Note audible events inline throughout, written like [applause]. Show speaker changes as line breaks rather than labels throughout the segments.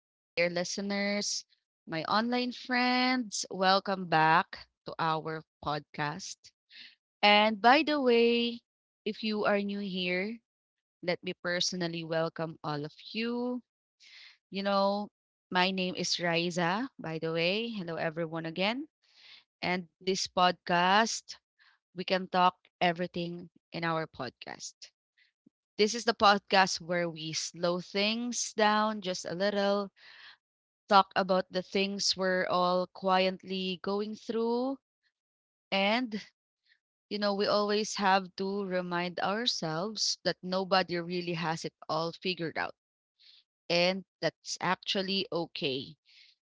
my dear listeners, my online friends. Welcome back to our podcast. And by the way, if you are new here, let me personally welcome all of you. You know, my name is Riza, by the way. Hello, everyone, again. And this podcast, we can talk everything in our podcast. This is the podcast where we slow things down just a little, talk about the things we're all quietly going through, and we always have to remind ourselves that nobody really has it all figured out, and that's actually okay.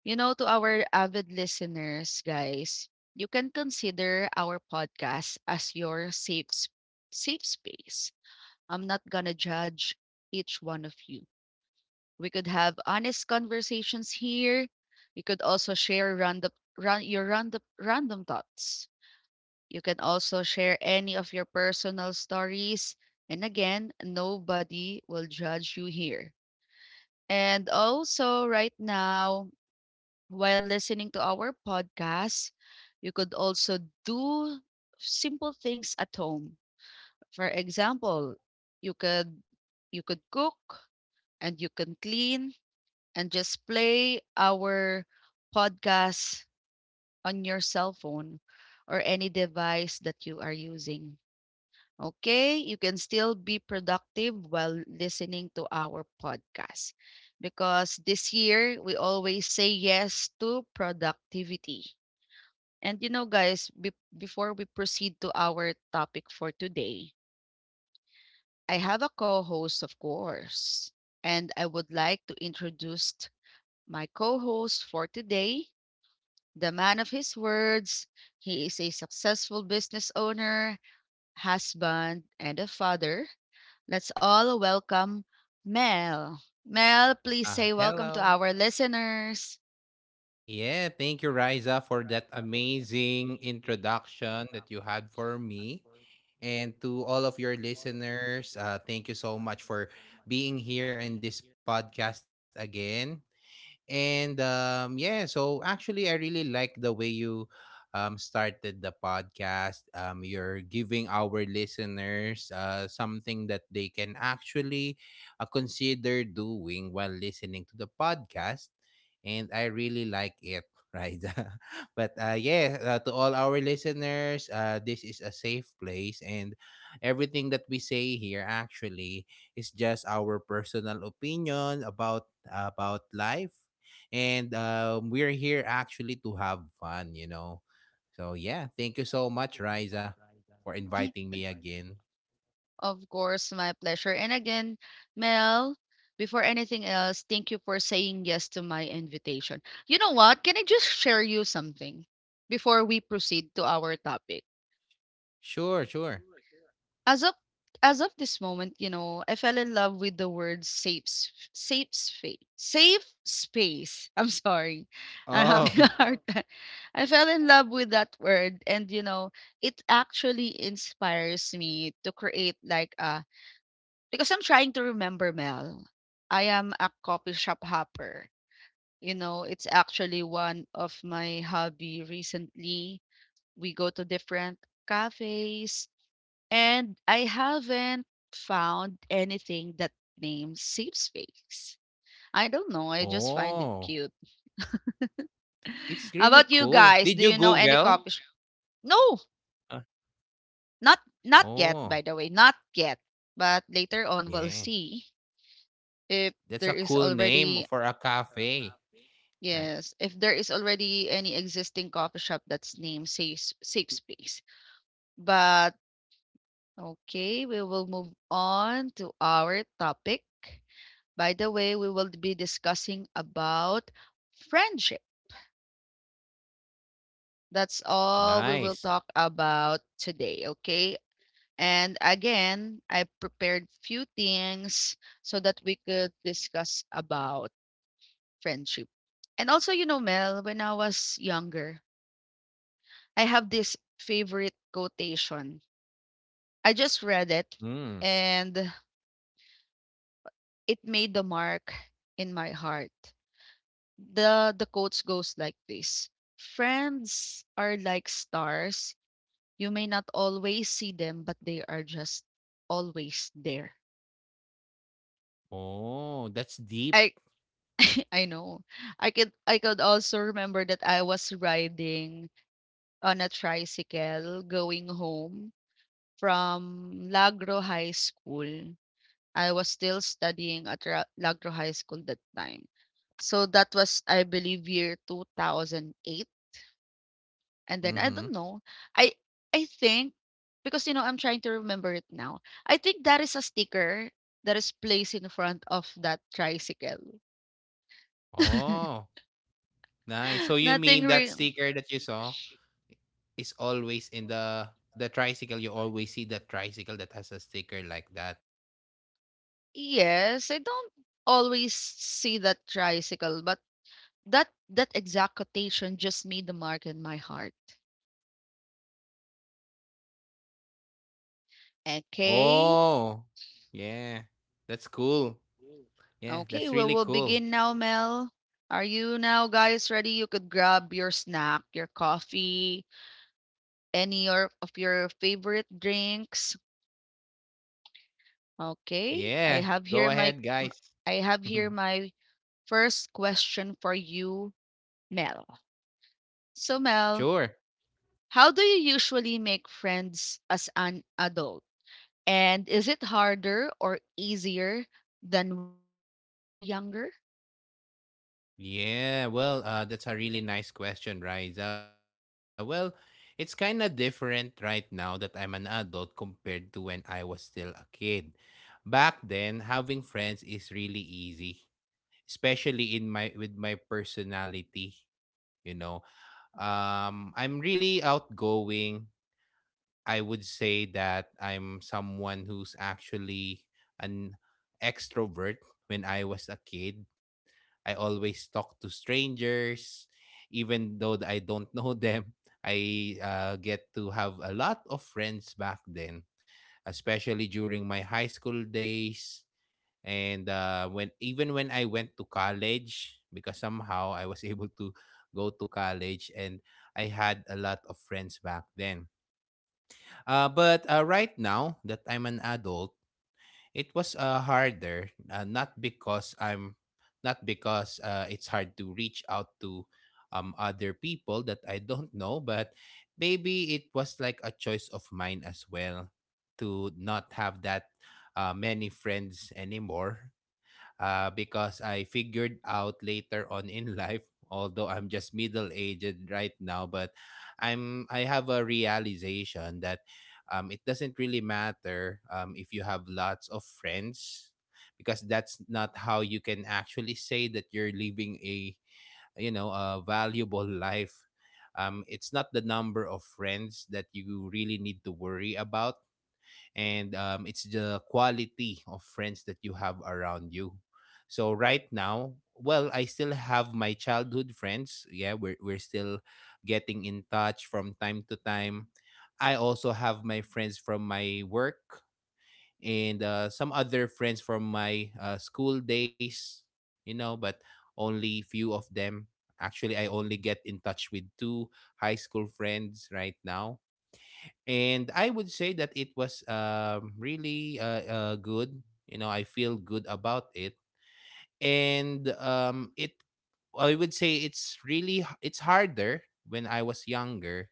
You know, to our avid listeners, guys, you can consider our podcast as your safe space. I'm not gonna judge each one of you. We could have honest conversations here. You could also share your random thoughts. You can also share any of your personal stories. And again, nobody will judge you here. And also, right now, while listening to our podcast, you could also do simple things at home. For example, you could you could cook and you can clean and just play our podcast on your cell phone or any device that you are using. Okay, you can still be productive while listening to our podcast because this year we always say yes to productivity. And you know, guys, before we proceed to our topic for today, I have a co host, of course, and I would like to introduce my co host for today, the man of his words. He is a successful business owner, husband, and a father. Let's all welcome Mel. Mel, please
Ah,
say welcome to
hello.
our listeners.
Yeah, thank you, Riza, for that amazing introduction that you had for me. And to all of your listeners, thank you so much for being here in this podcast again. And yeah, so actually, I really like the way you started the podcast. You're giving our listeners something that they can actually consider doing while listening to the podcast. And I really like it, [laughs] right? But yeah, to all our listeners, this is a safe place. And everything that we say here actually is just our personal opinion about life. And we're here actually to have fun. So, yeah, thank you so much, Riza, for
[clears throat]
inviting
[laughs]
me again.
Of course, my pleasure. And again, Mel, before anything else, thank you for saying yes to my invitation. You know what? Can I just share you something before we proceed to our topic?
Sure, sure.
as of as of this moment, you know, I fell in love with the word safe space. Safe space. [laughs] I'm sorry. I'm having a
Oh, [laughs]
hard [laughs] time. I fell in love with that word and you know, it actually inspires me to create like a because I'm trying to remember Mel. I am a coffee shop hopper. You know, it's actually one of my hobby recently. We go to different cafes and I haven't found anything that names safe space. I don't know. I just find it
oh,
cute.
it's
[laughs] How
really
about you
cool.
guys?
Did
Do
you
you know any
Google?
coffee shop? No,
Uh,
not yet. By
oh,
the way, not yet. But later on, we'll
yeah.
see if
That's a
there is
cool name
already
for a cafe. Right.
yes, if there is already any existing coffee shop that's named safe space. But okay, we will move on to our topic. By the way, we will be discussing about friendship. That's all we will
Nice.
talk about today, okay? And again, I prepared few things so that we could discuss about friendship. And also, you know, Mel, when I was younger, I have this favorite quotation. I just read it
Mm.
and it made the mark in my heart. The quotes goes like this. Friends are like stars. You may not always see them, but they are just always there.
Oh, that's deep.
I [laughs] I know. I could also remember that I was riding on a tricycle going home from Lagro High School. I was still studying at Lagro High School that time. So that was I believe year 2008. And then I
Mm-hmm.
don't know. I I think because you know I'm trying to remember it now. I think that is a sticker that is placed in front of that tricycle. [laughs]
Oh. Nice. So you
Nothing
mean that
real.
sticker that you saw is always in the tricycle. You always see that tricycle that has a sticker like that.
Yes, I don't always see that tricycle, but that exact quotation just made the mark in my heart. Okay.
Oh, yeah. That's cool. Yeah,
Okay,
that's
well
really
we'll
cool.
begin now, Mel. Are you now guys ready? You could grab your snack, your coffee, any or of your favorite drinks? Okay.
Yeah. Go ahead, guys.
I have here
[laughs]
my first question for you, Mel. So Mel,
Sure.
how do you usually make friends as an adult? And is it harder or easier than when you we were younger?
Yeah, well, that's a really nice question, Riza. Well, it's kind of different right now that I'm an adult compared to when I was still a kid. Back then, having friends is really easy, especially in my with my personality, you know. I'm really outgoing, I would say that I'm someone who's actually an extrovert when I was a kid. I always talk to strangers, even though I don't [laughs] know them. I get to have a lot of friends back then, especially during my high school days. And when even when I went to college, because somehow I was [laughs] able to go to college and I had a lot of friends back then but right now that I'm an adult, it was harder. Not because it's hard to reach out to other people that I don't know, but maybe it was like a choice of mine as well to not have that many friends anymore because I figured out later on in [laughs] life, although I'm just middle aged right now, but I have a realization that it doesn't really matter if you have lots of friends because that's not how you can actually say that you're living a a valuable life. It's not the number of friends that you really need to worry about, and it's the quality of friends that you have around you. So right now, well, I still have my childhood friends. Yeah, we're still getting in touch from time to time. I also have my friends from my work and some other friends from my school days. You know, but only few of them. Actually, I only get in touch with two high school friends right now, and I would say that it was really good. You know, I feel good about it, and it I would say it's really it's harder when I was younger,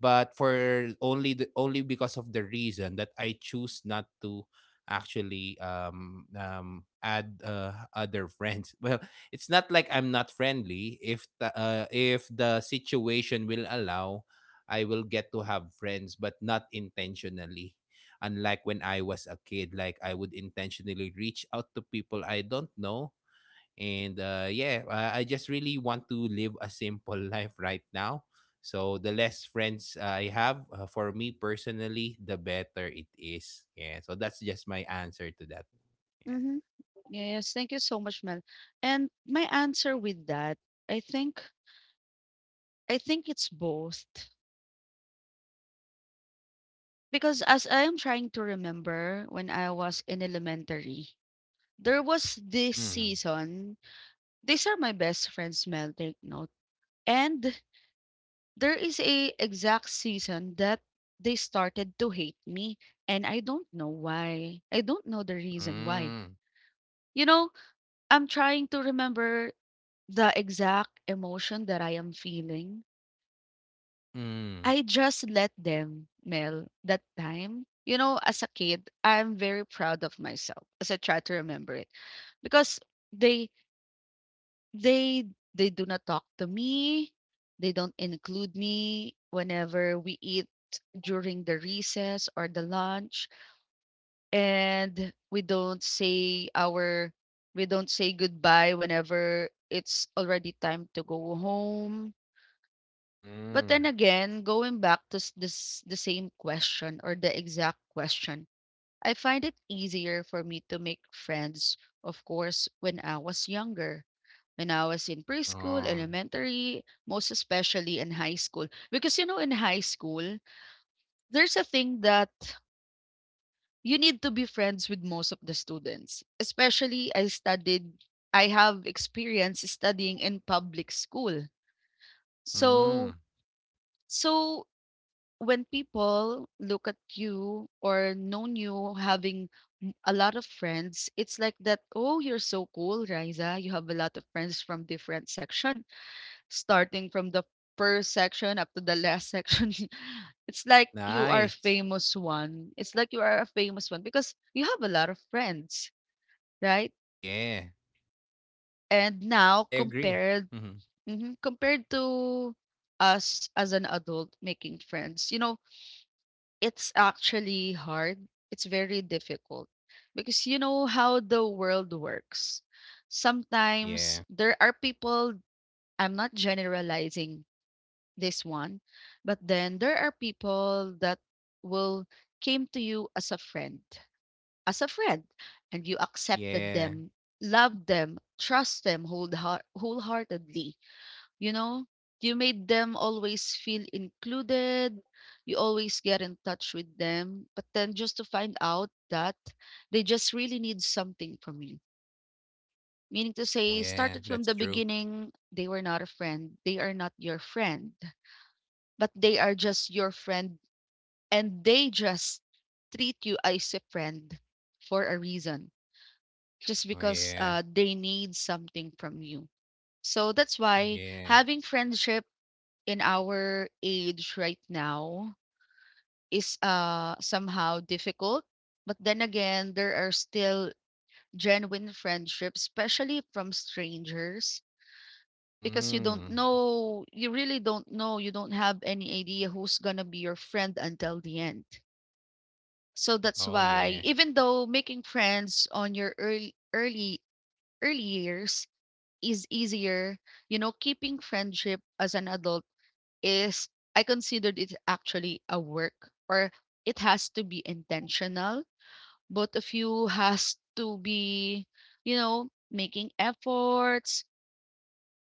but for only because of the reason that I choose not to actually add other friends. [laughs] Well, it's not like I'm not friendly. If the, if the situation will allow, I will get to have friends, but not intentionally. Unlike when I was a kid, like I would intentionally reach out to people I don't know. And yeah, I just really want to live a simple [laughs] life right now. So the less friends I have, for me personally, the better it is. Yeah. So that's just my answer to that. Yeah.
Mm-hmm. Yes, thank you so much, Mel. And my answer with that, I think I think it's both. Because as I am trying to remember when I was in elementary, there was this
Mm.
season. These are my best friends, Mel, take note. And there is a exact season that they started to hate me. And I don't know why. I don't know the reason why.
Mm.
You know, I'm trying to remember the exact emotion that I am feeling.
Mm.
I just let them, Mel, that time. You know, as a kid, I'm very proud of myself as I try to remember it because they they they do not talk to me. They don't include me whenever we eat during the recess or the lunch and we don't say our we don't say goodbye whenever it's already time to go home. But then
Mm.
again, going back to s- this the same question or the exact question, I find it easier for me to make friends, of course, when I was younger. When I was in preschool,
Oh.
elementary, most especially in high school. Because you know, in high school, there's a thing that you need to be friends with most of the students. Especially I have experience studying in public school. So
Mm.
so when people look at you or known you having a lot of friends, it's like that, oh, you're so cool, Riza. You have a lot of friends from different section, starting from the first section up to the last section. [laughs] It's like you are a
Nice.
famous one. It's like you are a famous one because you have a lot of friends, right?
Yeah.
And
Yeah,
now
I agree.
compared
Mm-hmm.
mhm, compared to us as an adult making friends, you know, it's actually hard. It's very difficult because you know how the world works. Sometimes
Yeah.
there are people, I'm not generalizing this one, but then there are people that will came to you as a friend, as a friend, and you accepted
Yeah.
them, loved them, trust them wholeheartedly, you know, you made them always feel included. You always get in touch with them. But then just to find out that they just really need something from you. Meaning to
Oh,
say,
yeah.
started from
That's
the
true.
beginning, they were not a friend. They are not your friend, but they are just your friend and they just treat you as a friend for a reason, just
Oh,
because
yeah.
they need something from you. So that's why
Yeah.
having friendship in our age right now is somehow difficult, but then again there are still genuine friendships, especially from strangers, because you don't
Mm.
know, you really don't know, you don't have any idea who's going to be your friend until the end. So that's
Oh,
why
yeah.
even though making friends on your early early years is easier, you know, keeping friendship as an adult is I considered it actually a work, or it has to be intentional. Both of you has to be, you know, making efforts.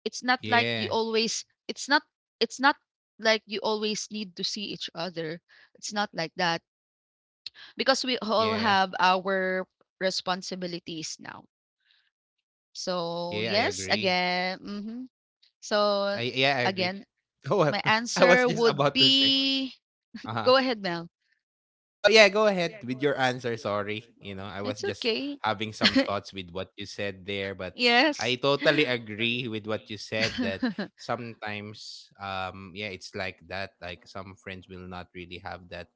It's not like you
Yeah.
always it's not it's not like you always need to see each other. It's not like that because we all
Yeah.
have our responsibilities now. So,
Yeah, I
yes,
agree.
again. Mhm. So,
I yeah, I agree. [laughs]
again,
Oh,
my
I was
answer
just
would
about to say.
be
Uh-huh.
go ahead, Mel.
Oh yeah, go ahead with your answer. Sorry, I was
It's
just
okay.
having some thoughts with what you said there, but
Yes.
I totally
[gasps]
agree with what you said that
[laughs]
sometimes, yeah, it's like that. Like, some friends will not really have that,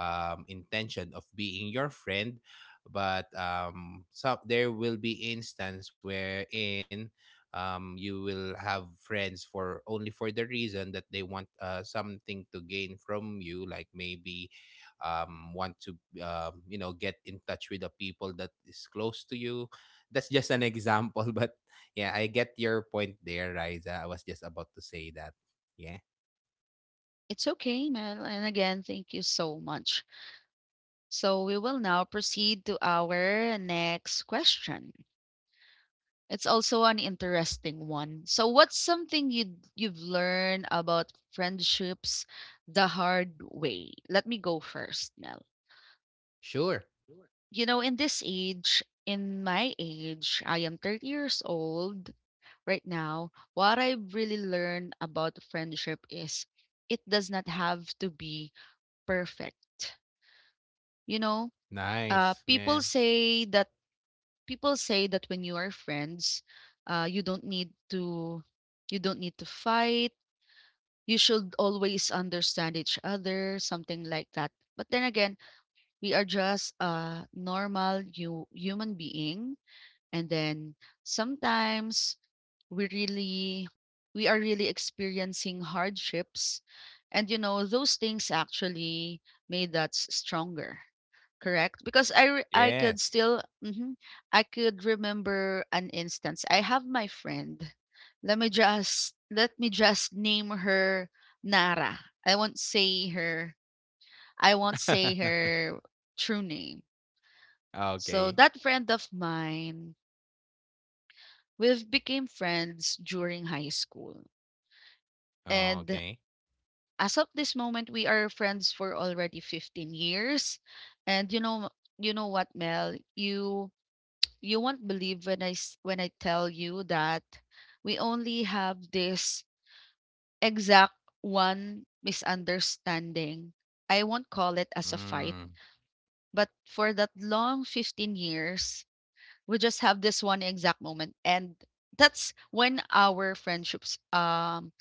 intention of being your friend, but so there will be instance wherein. You will have friends for only for the reason that they want something to gain from you, like maybe want to get in touch with the people that is close to you. That's just an example. [laughs] But yeah, I get your point there, Riza. I was just about to say that. Yeah.
It's okay, Mel. And again, thank you so much. So we will now proceed to our next question. It's also an interesting one. So what's something you've learned about friendships the hard way? Let me go first, Mel.
Sure.
You know, in this age, in my age, I am 30 years old. Right now, what I've really learned about friendship is it does not have to be perfect. You know, uh,
Nice.
people
Yeah.
say that people say that when you are friends, uh, you don't need to you don't need to fight. You should always understand each other, something like that. But then again, we are just a normal you human being. And then sometimes we really we are really experiencing hardships, and you know those things actually made us stronger, correct? Because I could
Yes.
still mhm, I could remember an instance. I have my friend, let me just name her Nara. i won't say her I won't say
[laughs]
her true name. So
Okay,
that friend of mine, we've became friends during high school. And
okay.
as of this moment, we are friends for already 15 years. And you know what, Mel, you won't believe when when I tell you that we only have this exact one misunderstanding. I won't call it as a fight,
Mm.
but for that long 15 years, we just have this one exact moment and that's when our friendships.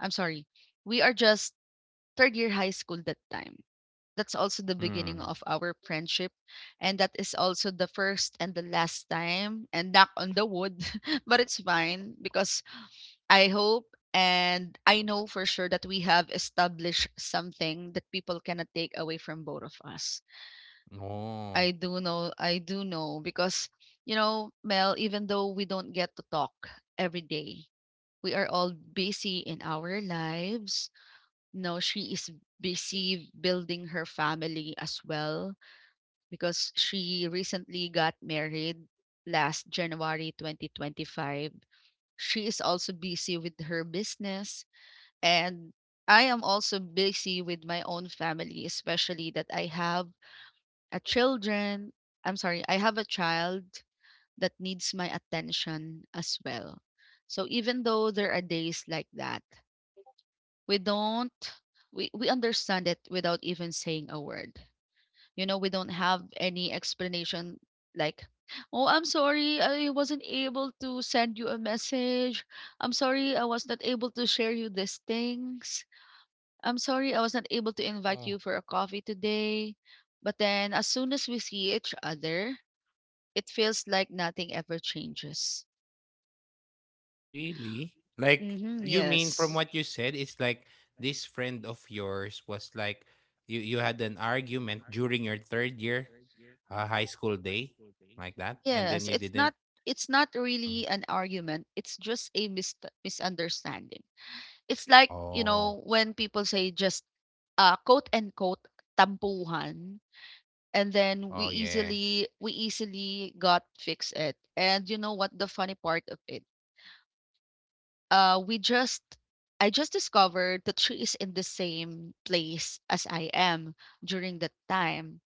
I'm sorry, we are just third year high school that time. That's also the beginning
Mm.
of our friendship and that is also the first and the last time and knock on the wood [laughs] but it's fine because I hope and I know for sure that we have established something that people cannot take away from both of us.
Oh.
I do know because you know, Mel, even though we don't get to talk every day, we are all busy in our lives. No, she is busy building her family as well because she recently got married last January 2025. She is also busy with her business and I am also busy with my own family, especially that I have a children. I'm sorry, I have a child that needs my attention as well. So even though there are days like that we don't, we understand it without even saying a word. You know, we don't have any explanation like, oh, I'm sorry I wasn't able to send you a message, I'm sorry I was not able to share you these things, I'm sorry I was not able to invite
Oh.
you for a coffee today. But then as soon as we see each other it feels like nothing ever changes.
Really? Like,
Mm-hmm,
you mean from
yes.
what you said, it's like this friend of yours was like you had an argument during your third year high school day like that, and then
Yes,
you
it's
didn't.
not, it's not
Mm.
really an argument. It's just a misunderstanding. It's like, you
Oh,
know, when people say just quote and quote tampuhan, and then we
oh yeah.
easily, we easily got fix it. And you know what the funny part of it? We just I just discovered that she is in the same place as I am during that time.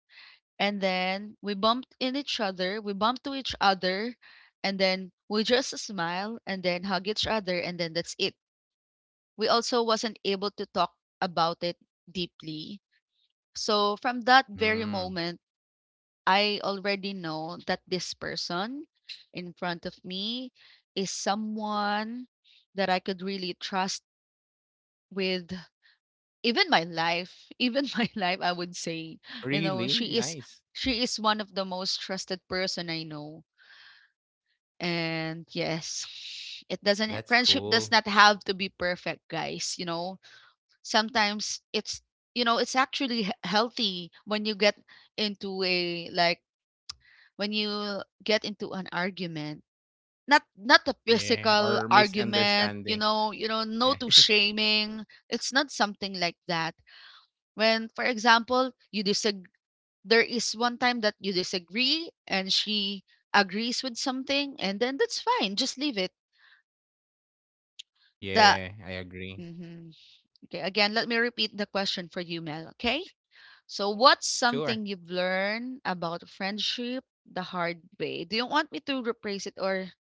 And then we bumped in each other, we bumped to each other, and then we just smile and then hug each other and then that's it. We also wasn't able to talk about it deeply. So from that very
Mm.
moment, I already know that this person in front of me is someone that I could really trust with even my life, even [laughs] my life, I would say, you know,
Really
she is,
nice.
she is one of the most trusted person I know. And yes, [sighs] it doesn't
That's
friendship
cool.
does not have to be perfect, guys. You know, sometimes it's, you know, it's actually healthy when you get into a, when you get into an argument. Not a
Yeah, or
physical argument,
misunderstanding.
you know,
Yeah,
no
[laughs]
to shaming. It's not something like that. When, for example, you disag there is one time that you disagree and she agrees with something, and then that's fine. Just leave it. The.
yeah, I agree.
Mhm. Okay, again, let me repeat the question for you, Mel. Okay. So, what's
Sure.
something you've learned about friendship the hard way? Do you want me to rephrase it, or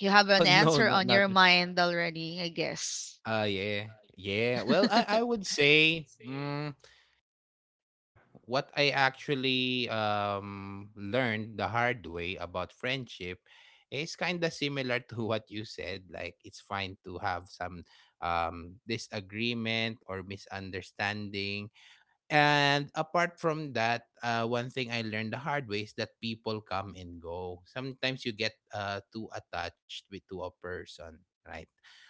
you have
Oh, [laughs]
an
no,
answer
not.
on your mind already? I guess.
Yeah, yeah. Well, I
[laughs]
would say. What I actually learned the hard way about friendship is kind of similar [laughs] to what you said. Like, it's fine to have some disagreement or misunderstanding. And apart from that, one thing I learned the hard way is that people come and go. Sometimes you get too attached with to a person, right?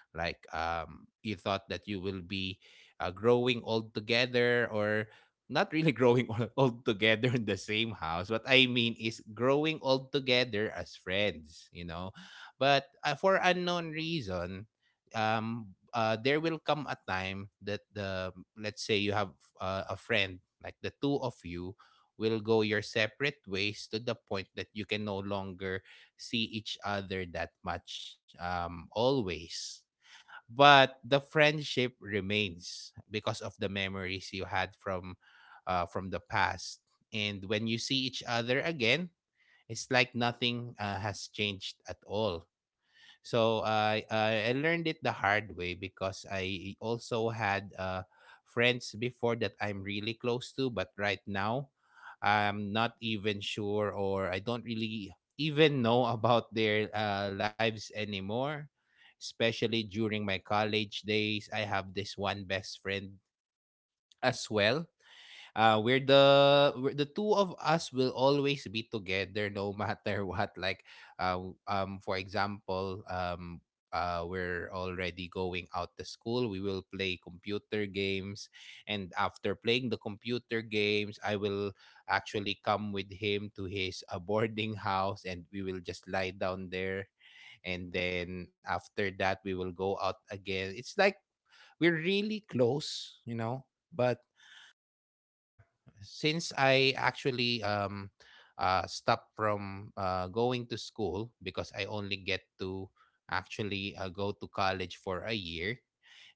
Like, you thought that you will be growing all together, or not really [laughs] growing all together in the same house. What I mean is growing all together as friends. But for unknown reason, there will come a time that the let's say you have a friend, like the two of you will go your separate ways to the point that you can no longer see each other that much always, but the friendship remains because of the memories you had from from the past. And when you see each other again, it's like nothing has changed at all. So I learned it the hard way because I also had friends before that I'm really close to, but right now I'm not even sure, or I don't really even know [laughs] about their lives anymore. Especially during my college days, I have this one best friend as well. The two of us will always be together, no [laughs] matter what. Like, for example, we're already going out to school, we will play computer games, and after playing the computer games I will actually come with him to his boarding house and we will just lie down there, and then after that we will go out again. It's like we're really close, but yeah. Since I actually stopped from going to school because I only get to actually go to college for a year,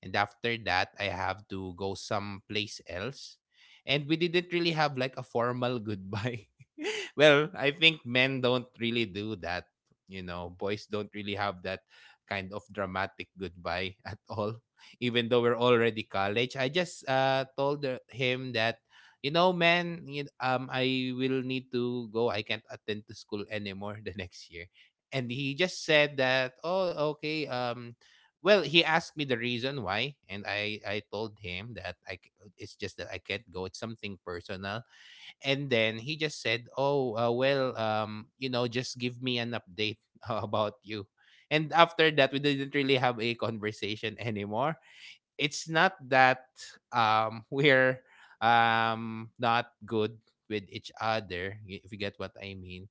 and after that I have to go someplace else, and we didn't really have like a formal goodbye. [laughs] Well, I think men don't really do that. Boys don't really have that kind of dramatic goodbye [laughs] at all. Even though we're already college, I just told him that man, I will need to go. I can't attend to school anymore [laughs] the next year. And he just said that, oh, okay. Well, he asked me the reason why, and I told him that it's just that I can't go. It's something personal. And then he just said, oh, well, just give me an update [laughs] about you. And after that, we didn't really have a conversation [laughs] anymore. It's not that [laughs] we're not good with each other, if you get what I mean.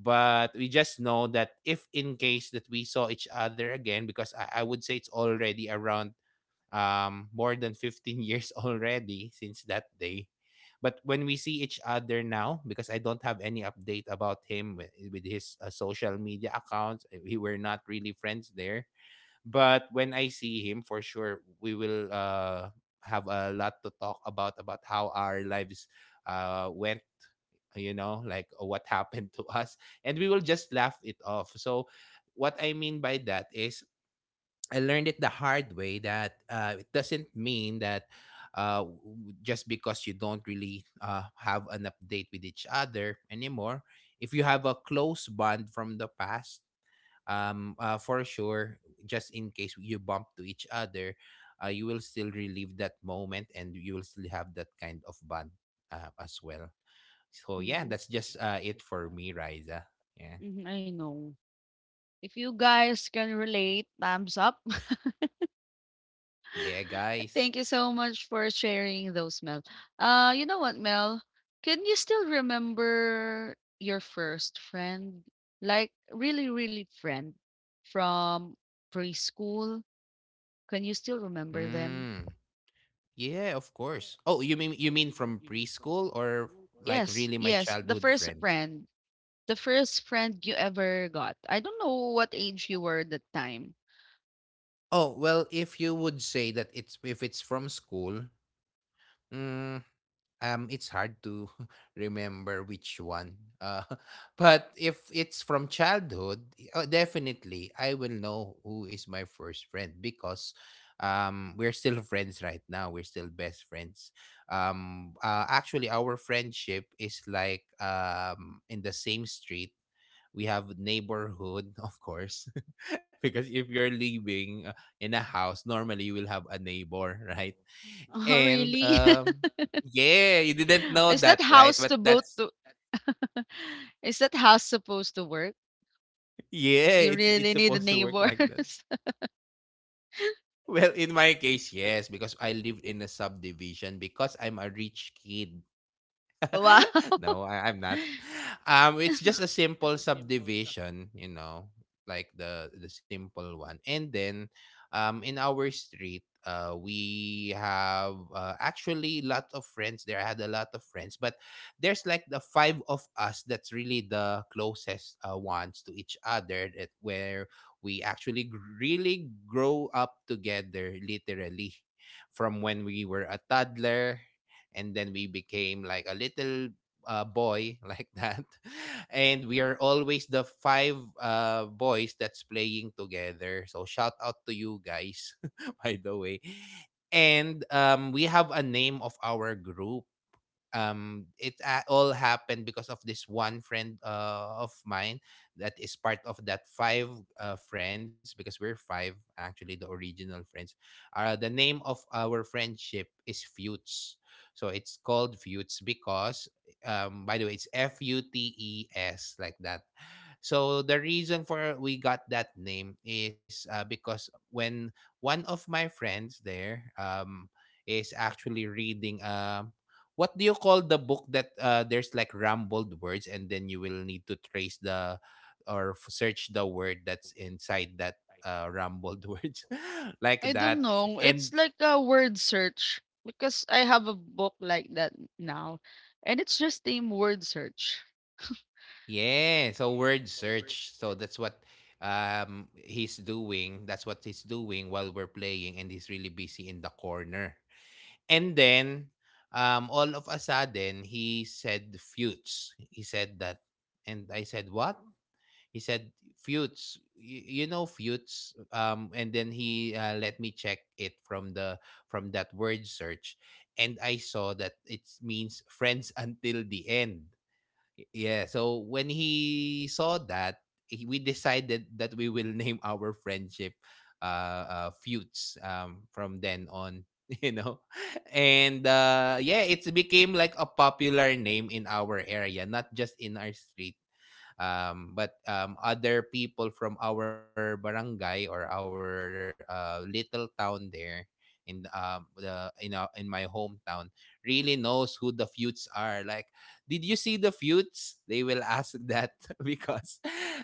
But we just know that if in case that we saw each other again, because I would say it's already around more than 15 years [laughs] already since that day. But when we see each other now, because I don't have any update about him — with his social media accounts we were not really friends there — but when I see him, for sure, we will have a lot to talk about how our lives went, you know, like what [laughs] happened to us. And we will just laugh it off. So, what I mean by that is, I learned it the hard way that it doesn't mean that just because you don't really have an update with each other anymore, if you have a close bond from the past, for sure just in case you bump to each other, you will still relive that moment and you will still have that kind of bond as well. So yeah,
Mhm,
that's just it for me, Riza. Yeah.
mhm, I know. If you guys can relate, thumbs up. [laughs]
Yeah, guys.
Thank you so much for sharing those, Mel. You know what, Mel? Can you still remember your first friend? Like really, really friend from preschool? Can you still remember them?
mm, yeah, of course. Oh, you mean from preschool or like
Yes,
really my
yes. The
childhood
first
friend?
friend. The first friend you ever got. I don't know what age you were at that time. [laughs]
Oh well, if you would say that, it's if it's from school, mm, it's hard to [laughs] remember which one [laughs] but if it's from childhood, definitely I will know who is my first friend, because we're still friends right now, we're still best friends. Actually our friendship is like, in the same street we have neighborhood of course. [laughs] Because if you're living in a house, normally you will have a neighbor. [laughs] Right?
Oh,
And,
really? [laughs]
yeah, you didn't know
Is that
that,
Yes.
right?
house to
But
both
that's...
to [laughs] Is that house supposed to work?
Yeah,
You
it's
really need the
supposed to work like that.
neighbors.
[laughs] Well, in my case, yes, because I lived in a subdivision, because I'm a rich kid.
[laughs] Wow.
[laughs] No, I'm not.
[laughs]
It's just a simple subdivision, you know, like the simple one. And then, in our street, we have actually a lot of friends there. I had a lot of friends, but there's like the five of us that's really the closest ones to each other. That where we actually really grow up together, literally from when we were a toddler, and then we became like a little boy [laughs] like that. And we are always the five boys that's playing together, so shout out to you guys [laughs] by the way. And we have a name of our group. It all happened because of this one friend of mine that is part of that five friends, because we're five, actually, the original friends. The name of our friendship is Feuds. So it's called Feuds because, um, by the way, it's F U T E S like that. So the reason for we got that name is because when one of my friends there, is actually reading, what do you call the book that there's like rambled words, and then you will need to trace the or search the word that's inside that rambled [laughs] words like
I don't
that.
know. It's
And
like a word search because I have a book like that now. And it's just name word search.
yeah, so word search. So that's what, um, he's doing. That's what he's doing while we're playing, and he's really busy in the corner. And then, um, all of a sudden he said Feuds. He said that, and I said what? He said Fuchs. You know Fuchs. Um, and then he let me check it from the from that word search, and I saw that it means friends until the end. Yeah, so when he saw that, we decided that we will [laughs] name our friendship Fuchs from then on. [laughs] You know, and yeah, it became like a popular name in our area, not just in our street, but other people from our barangay or our little town there in in my hometown really knows who the Feuds are. Like, did you see the Feuds? They will ask that [laughs] because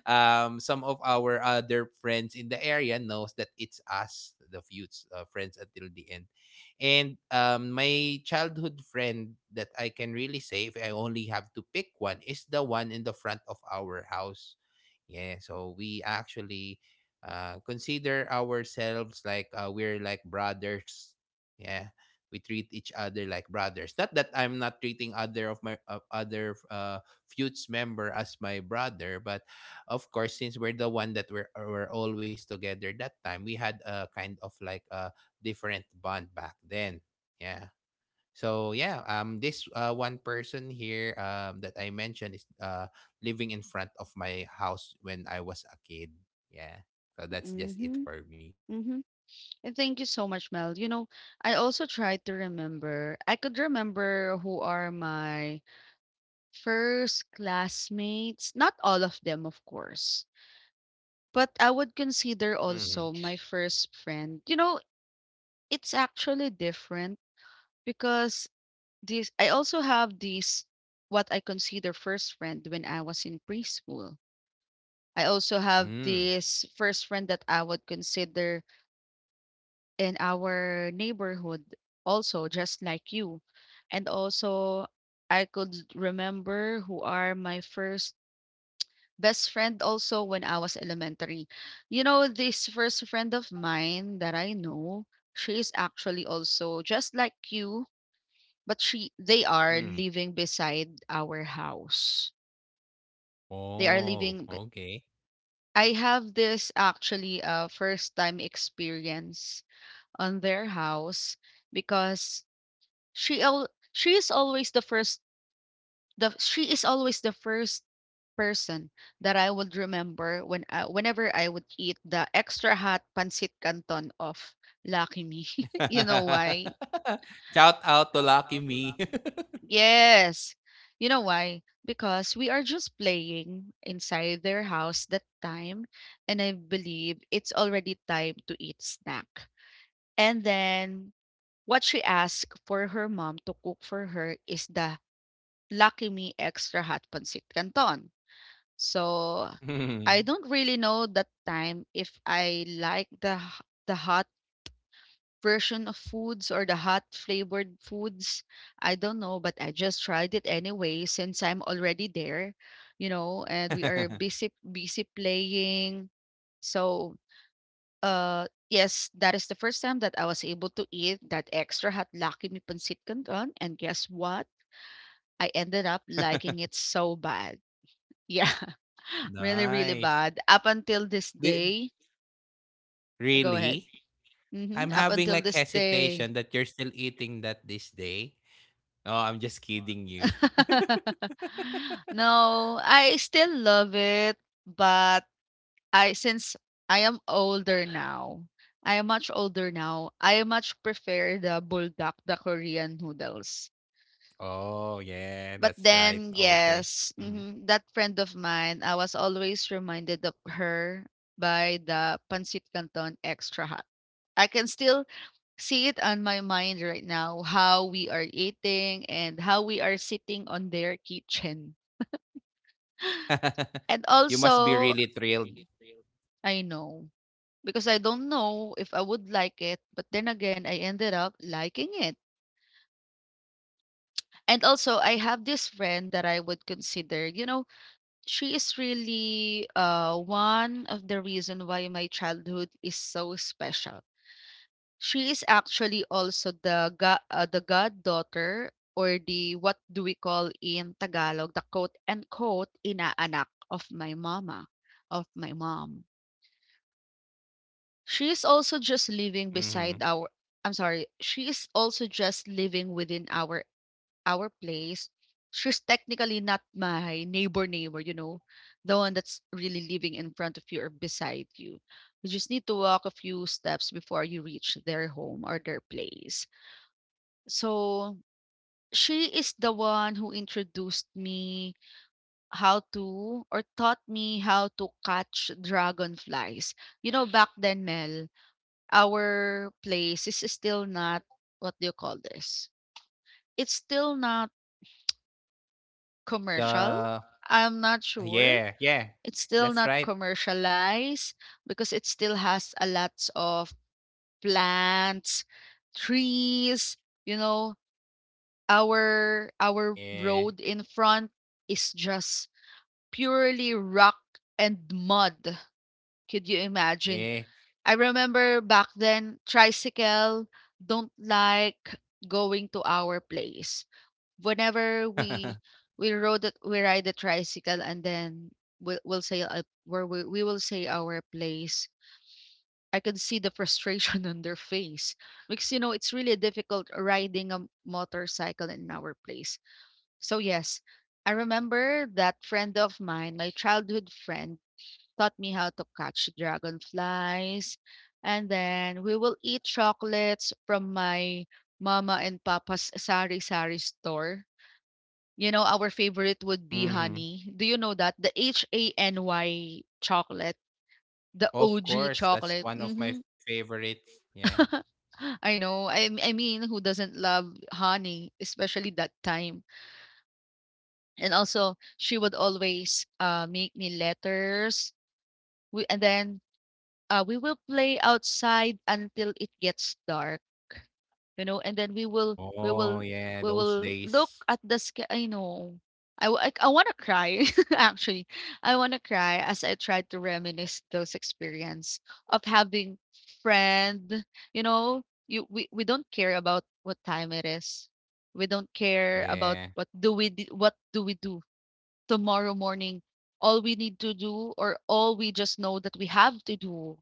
some of our other friends in the area knows that it's us, the Feuds, friends until the end. And my childhood friend that I can really say, if I only have to pick one, is the one in the front of our house. Yeah, so we actually consider ourselves like, we're like brothers. Yeah, we treat each other like brothers. Not that I'm not treating other of my other Feuds member as my brother, but of course, since we're the one that were always together that time, we had a kind of like a different bond back then. Yeah. So yeah, this one person here that I mentioned is living in front of my house when I was a kid. Yeah. So that's just it
Mm-hmm.
for me.
Mm-hmm. And thank you so much, Mel. You know, I also tried to remember. I could remember who are my first classmates. Not all of them, of course. But I would consider
Mm.
also my first friend. You know, it's actually different because this I also have this what I consider first friend when I was in preschool. I also have
Mm.
this first friend that I would consider in our neighborhood, also just like you, and also I could remember who are my first best friend also when I was elementary. You know, this first friend of mine that I know, she is actually also just like you, but she they are
Mm.
living beside our house. They are
Oh,
living b-
okay.
I have this actually a first time experience on their house because she is always the first, the she is always the first person that I would remember when I, whenever I would eat the extra hot pancit canton of Lucky Me. [laughs] You know why?
[laughs] Shout out to Lucky Me. [laughs]
[laughs] Yes. You know why? Because we are just playing inside their house that time, and I believe it's already time to eat snack. And then what she asked for her mom to cook for her is the Lucky Me Extra Hot Pancit Canton. So, I
Mm.
don't really know that time if I like the the hot version of foods or the hot flavored foods. I don't know, but I just tried it anyway since I'm already there, you know, and we are
[laughs]
busy playing. So, uh, yes, that is the first time that I was able to eat that extra hot Lucky Me Pancit Canton, and guess what? I ended up liking it so bad. [laughs] Yeah. Really, really
Nice.
bad. Up until this
Di-
day, go ahead.
Really?
Mhm,
I'm
up
having
until
like
this day.
hesitation that you're still eating that this day. Oh, I'm just kidding you.
[laughs] No, I still love it, but I since I am older now, I am much older now, I much prefer the buldak, the Korean noodles.
Oh yeah,
But
that's right.
then,
Okay.
yes,
Mhm.
mhm, that friend of mine, I was always reminded of her by the pancit canton extra hot. I can still see it on my mind right now how we are eating and how we are sitting on their kitchen.
[laughs]
And
You must be
also,
really thrilled.
I know because I don't know if I would like it, but then again, I ended up liking it. And also, I have this friend that I would consider, you know, she is really, one of the reason why my childhood is so special. She is actually also the go the goddaughter, or the what do we call in Tagalog, the quote and quote inaanak of my mama, of my mom. She is also just living beside
Hmm.
our, I'm sorry, she is also just living within our place. She's technically not my neighbor neighbor, you know, the one that's really living in front of you or beside you. You just need to walk a few steps before you reach their home or their place. So she is the one who introduced me how to, or taught me how to catch dragonflies. You know, back then, Mel, our place is still not, what do you call this? It's still not commercial.
The
I'm not sure.
yeah, yeah.
It's still
That's
not
right.
commercialized because it still has a lot of plants, trees, you know, our
Yeah.
road in front is just purely rock and mud. Could you imagine?
Yeah.
I remember back then tricycle don't like going to our place. Whenever we
[laughs]
we rode it, we ride the tricycle and then we'll say where we will say our place. I could see the frustration [laughs] on their face because you know it's really difficult riding a motorcycle in our place. So yes, I remember that friend of mine, my childhood friend, taught me how to catch dragonflies. And then we will eat chocolates from my mama and papa's sari sari store. You know, our favorite would be
Mm-hmm.
honey. Do you know that? The Hany chocolate, the
Of
OG
course, that's
chocolate.
one of my
Hmm.
favorites. Yeah.
[laughs] I know. I mean, who doesn't love honey, especially that time? And also she would always, make me letters, and then, we will play outside until it gets dark, you know, and then we will, we
Oh
will
yeah,
we
those
will look
days.
at the sky. I know. I want to cry [laughs] actually. I want to cry as I try to reminisce those experience of having friend. You know, you, we don't care about what time it is, we don't care about
Yeah.
what do we what do we do tomorrow morning. All we need to do, or all we just know that we have to do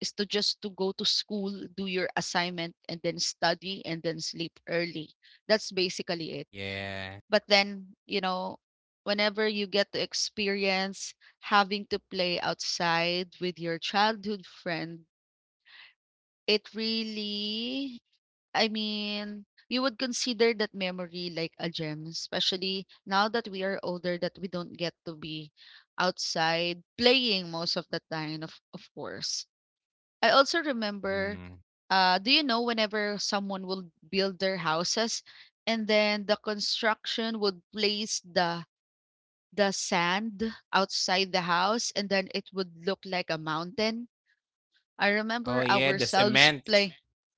is to just to go to school, do your assignment and then study and then sleep early. That's basically it.
Yeah.
But then, you know, whenever you get to experience having to play outside with your childhood friend, it really, I mean, you would consider that memory like a gem, especially now that we are older that we don't get to be outside playing most of the time, of course. I also remember,
Mm.
do you know whenever someone will build their houses and then the construction would place the sand outside the house and then it would look like a mountain? I
Oh
remember
yeah, the
ourselves
cement.
play.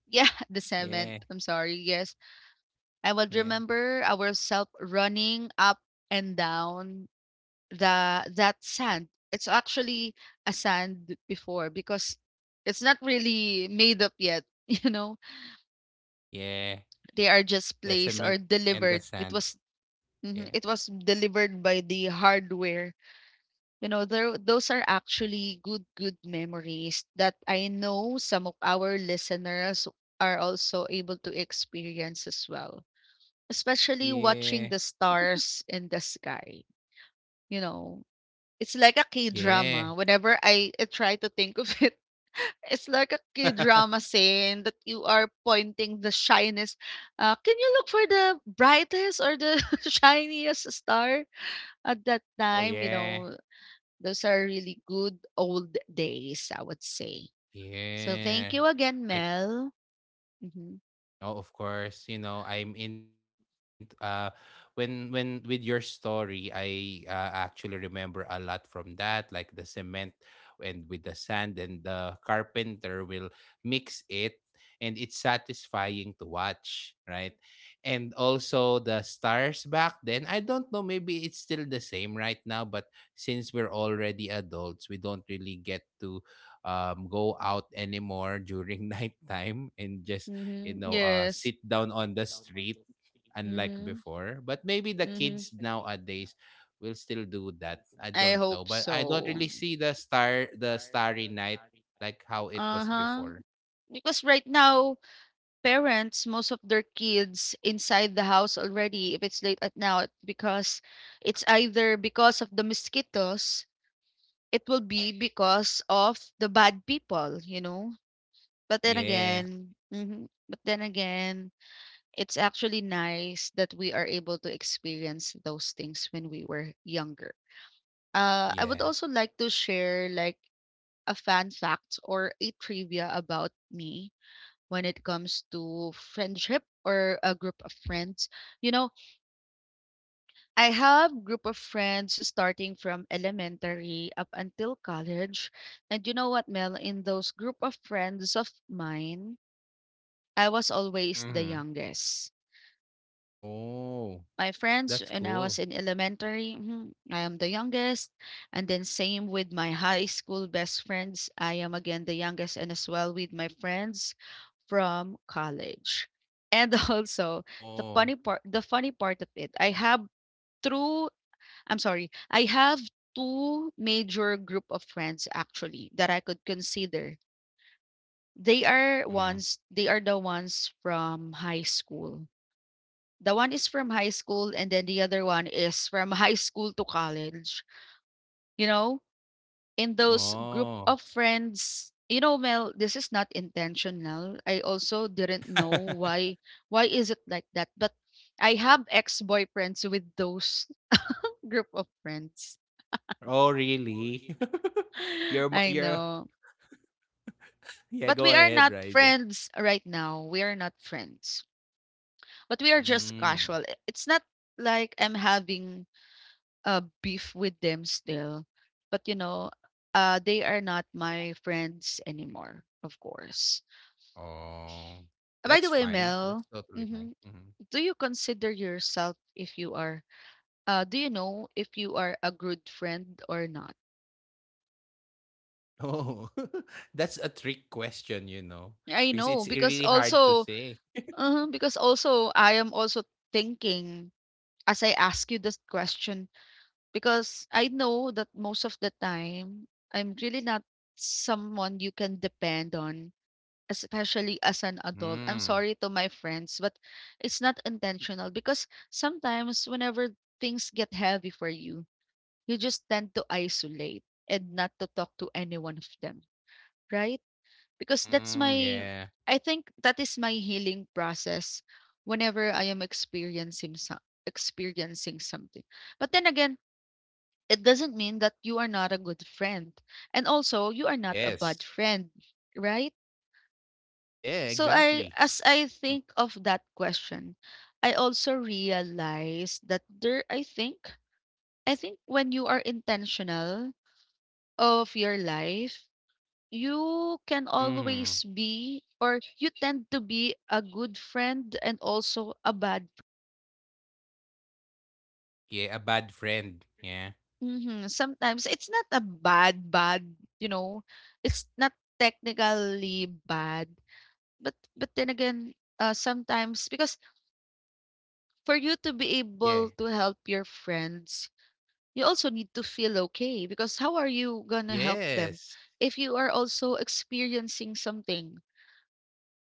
Yeah, [laughs] the cement.
Yeah.
I'm sorry. Yes, I would
Yeah.
remember ourselves running up and down the that sand. It's actually a sand before because it's not really made up yet, [laughs] you know.
Yeah.
They are just
The
placed or
cement and the
delivered. It
sand.
was mhm,
Yeah.
it was delivered by the hardware. You know, there, those are actually good memories that I know some of our listeners are also able to experience as well. Especially watching
Yeah.
the stars in the sky, you know. It's like a
Yeah.
K-drama. Whenever I try to think of it, [laughs] it's like a K-drama
[laughs]
saying that you are pointing the shyness. Can you look for the brightest or the [laughs] shiniest star at that
Oh
time? You
yeah.
know, those are really good old days, I would say. So
Yeah.
thank you again,
I...
Mel. Hmm.
Oh, of course. You know, I'm in when with your story, I actually remember a lot from that, like the cement and with the sand, and the carpenter will mix it, and it's satisfying to watch, right? And also the stars back then, I don't know, maybe it's still the same right now, but since we're already adults, we don't really get to, go out anymore during [laughs] nighttime and just, you
Hmm.
know,
Yes.
sit down on the street, unlike
Hmm.
before. But maybe the
Mm-hmm.
kids nowadays will still do that. I
I
don't know,
hope
but I don't
so.
really see the star, the starry night,
Night.
like how it was
Uh-huh.
before.
Because right now, parents, most of their kids inside the house already, if it's late at now, because it's either because of the mosquitoes, it will be because of the bad people, you know? But then
Yeah,
again, but then again, it's actually nice that we are able to experience those things when we were younger. I would
yeah.
also like to share like a fun fact or a trivia about me when it comes to friendship or a group of friends. You know, I have group of friends starting from elementary up until college. And you know what, Mel, in those group of friends of mine, I was always the
Mm-hmm.
youngest.
Oh,
My friends
that's
when I
cool.
was in elementary, I am the youngest. And then same with my high school best friends, I am again the youngest, and as well with my friends from college. And [laughs] also
Oh,
the funny part of it, I have through, I'm sorry, I have two major group of friends actually that I could consider.
mm.
They are the ones from high school, the one is from high school, and then the other one is from [laughs] high school to college. You know, in those group
Oh.
of friends, you know, Mel, this is not intentional. I also didn't know
[laughs]
why. Why is it like that? But I have ex boyfriends with those [laughs] group of friends.
Oh, really? [laughs] Your are
[laughs] I
you
know.
[laughs] yeah,
But
go
we are
ahead,
not
Riza.
friends right now. We are not friends. But we are just
Mm.
casual. It's not like I'm having beef with them still. But you know, they are not my friends anymore, of course.
Oh,
By
that's
the way,
fine. That's
Mel,
totally fine.
mhm,
Hmm.
do you consider yourself if you are, do you know if you are a good friend or not?
Oh, [laughs] that's a trick question, you know,
I
because
know
it's
because
really hard to
also,
say.
I am also thinking as I ask you this question because I know that most of the time I'm really not someone you can depend on, especially as an adult. I'm
Mm,
sorry to my friends, but it's not intentional because sometimes whenever things get heavy for you, you just tend to isolate and not to talk to any one of them, right? Because that's
mm,
my
yeah.
I think that is my healing process whenever I am experiencing something. But then again, it doesn't mean that you are not a good friend. And also, you are not a bad
Yes.
friend, right?
Yeah,
So I
exactly.
as I think of that question, I also realize that there I think when you are intentional of your life, you can
Hmm.
always be, or you tend to be, a good friend and also a bad.
Yeah, a bad friend. Yeah.
Mhm. Sometimes it's not a bad, you know, it's not technically bad. But then again, sometimes, because for you to be
Yeah.
able to help your friends, you also need to feel okay, because how are you gonna help them
Yes.
if you are also experiencing something.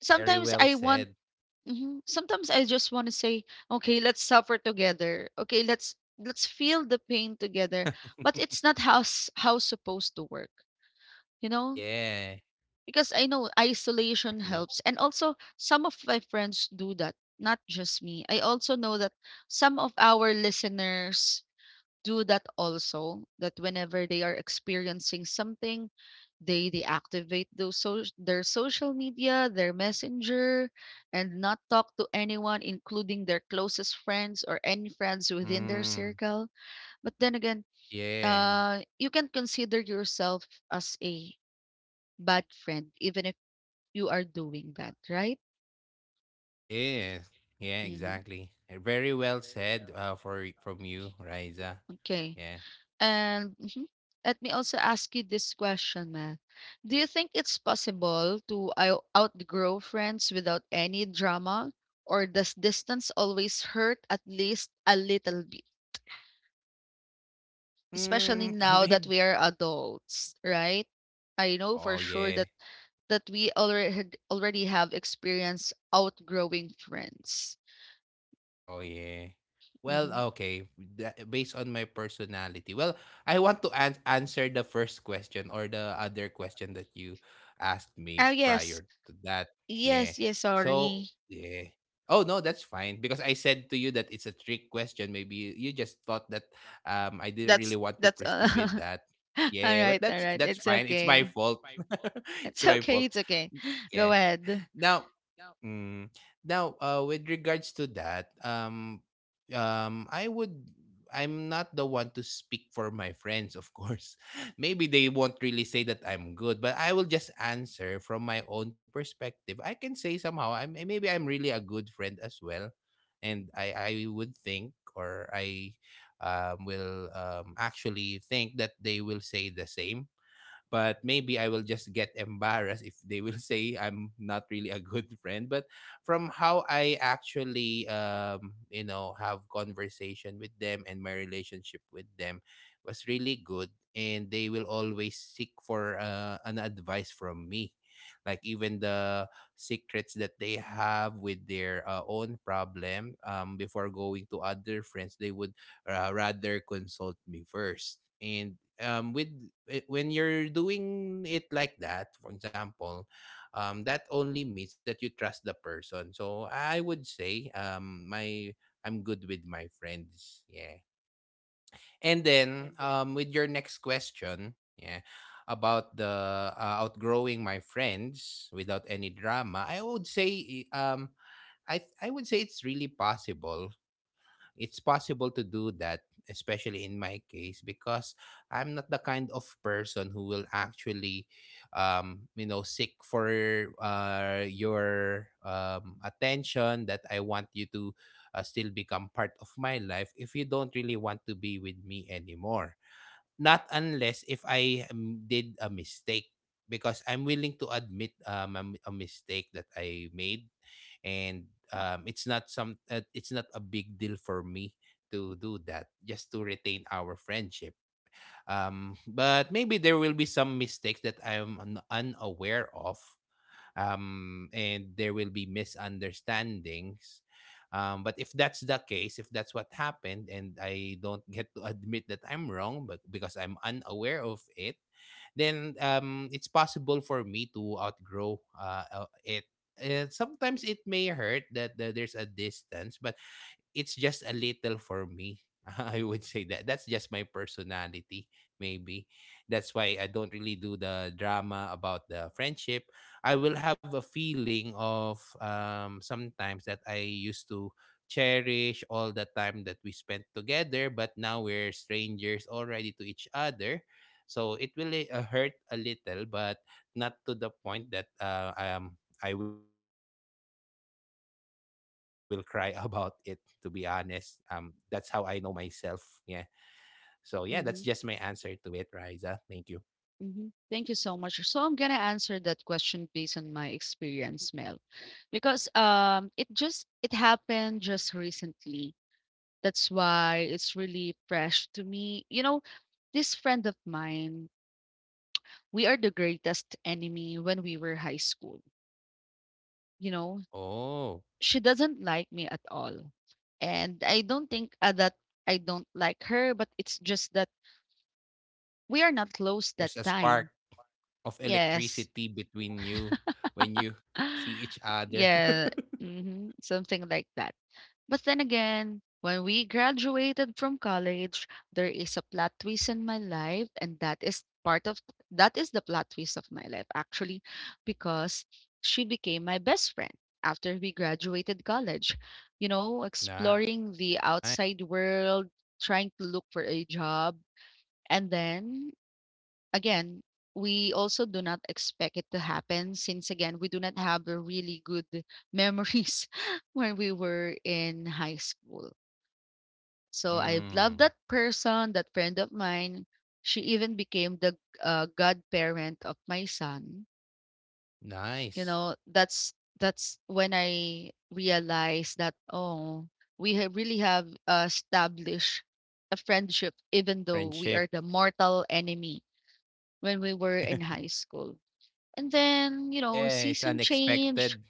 Very
Sometimes
well said.
sometimes I just want to say, okay, let's suffer together, okay, let's feel the pain together,
[laughs]
but it's not how supposed to work, you know.
Yeah,
Because I know isolation
exactly.
helps, and also some of my friends do that, not just me. I also know that some of our listeners do that also, that whenever they are experiencing something, they deactivate those, so their social media, their messenger, and not talk to anyone, including their closest friends or any friends within their
Mm,
circle. But then again,
yeah.
you can consider yourself as a bad friend even if you are doing that, right?
Yes. Yeah,
Mm-hmm.
exactly. Very well said for from you, Riza.
Okay.
Yeah.
And mhm. Let me also ask you this question, Ma. Do you think it's possible to outgrow friends without any drama? Or does distance always hurt at least a little bit? Especially
Mm, [laughs]
now that
maybe.
we are adults, right? I know for
Oh
sure
yeah.
that already have experience outgrowing friends.
Oh yeah. Well,
Hmm.
okay. Based on my personality. Well, I want to answer the first question or the other question that you asked
Ah
me
yes,
prior to that. Yeah.
yes, yes.
So,
Sorry,
yeah. Oh no, that's fine, because I said to you that it's a trick question. Maybe you just thought that I didn't really want to
that's
proceed
[laughs]
with that.
[laughs]
Yeah,
Alright,
but that's
alright.
that's
It's
fine. It's my
okay.
fault. [laughs] It's
It's
my
okay.
fault.
It's okay. [gasps] [laughs] Go
Yeah.
ahead.
Now, mm. Now, with regards to that, um, I would, I'm not the one to speak for my friends, of course. [laughs] Maybe they won't really say that I'm good, but I will just answer from my own perspective. I can say somehow, maybe I'm really a good friend as well, and I would think, or I will actually think that they will say the same, but maybe I will just get embarrassed if they will [laughs] say I'm not really a good friend. But from how I actually, you know, have conversation with them and my relationship with them was really good, and they will always seek for an advice from me, like even the secrets that they have with their own problem, before going to other friends, they would rather consult me first. And with when you're doing it like that, for example, that only means that you trust the person. So I would say my I'm good with my friends. Yeah. And then with your next question, yeah, about the outgrowing my friends without any drama, I would say I would say it's really possible. It's possible to do that, especially in my case, because I'm not the kind of person who will actually, you know, seek for your attention, that I want you to still become part of my life if you don't really want to be with me anymore. Not unless if I did a mistake, because I'm willing to admit a mistake that I made, and it's not some it's not a big deal for me to do that just to retain our friendship. Um, but maybe there will be some mistakes that I'm unaware of, and there will be misunderstandings. But if that's the case, if that's what happened, and I don't get to [laughs] admit that I'm wrong, but because I'm unaware of it, then it's possible for me to outgrow it. Sometimes it may hurt that, that there's a distance, but it's just a little for me. [laughs] I would say that that's just my personality, maybe. That's why I don't really do the drama about the friendship. I will have a feeling of sometimes, that I used to cherish all the time that we spent together, but now we're strangers already to each other. So it will hurt a little, but not to the point that I will cry [laughs] about it to be honest. That's how I know myself. Yeah. So yeah, that's just my answer to it, Riza.
Mm-hmm.
Thank you.
Mm-hmm. Thank you so much. So I'm gonna answer that question based on my experience, Mel, because it happened just recently. That's why it's really fresh to me. You know, this friend of mine, we are the greatest enemy when we were high school. You know,
Oh,
she doesn't like me at all. And I don't think that I don't like her, but it's just that we are not close that
there's a spark
time.
of
Yes.
electricity between you when you see
[gasps]
each
[sighs]
other. [laughs]
yeah. Hmm. Something like that. But then again, when we graduated from college, there is a plot twist in my life, and that is the plot twist of my life actually, because she became my best friend after we graduated college. You know,
Nice.
exploring the outside world, trying to look for a job, and then again, we also do not expect it to happen, since again we do not have a really good [laughs] memories [laughs] when we were in high school. So I love
Mm,
that person, that friend of mine. She even became the godparent of my son. You
nice.
know, that's when I realized that oh, really have established a friendship even though we are
Friendship.
the mortal enemy when we were in high
[laughs]
school. And then, you know,
Yeah, it's
season change.
unexpected.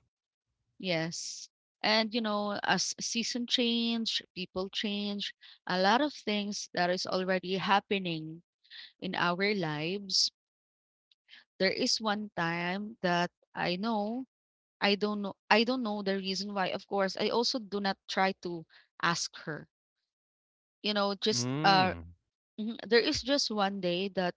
Yes. And, you know, as season change, people change, a lot of things that is already happening in our lives. There is one time that I know, I don't know, I don't know the reason why. Of course, I also do not try to ask her, you know,
Mm,
there is just one day that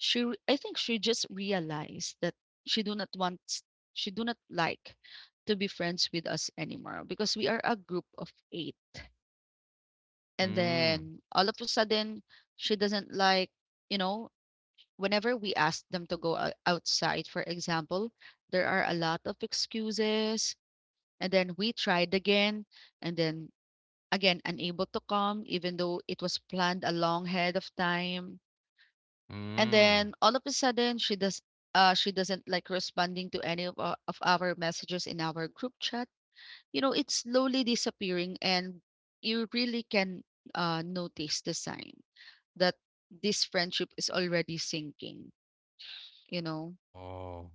I think she just realized that she do not want, she do not like to be friends with us anymore because we are a group of 8. And
mm,
then all of a sudden, she doesn't like, you know, whenever we ask them to go outside, for example, there are a lot of excuses. And then we tried again, and then again, unable to come, even though it was planned a long ahead of time. And
mm.
then all of a sudden she doesn't like responding to any of of our messages in our group chat. You know, it's slowly disappearing and you really can notice the sign that this friendship is already sinking, you know.
Oh,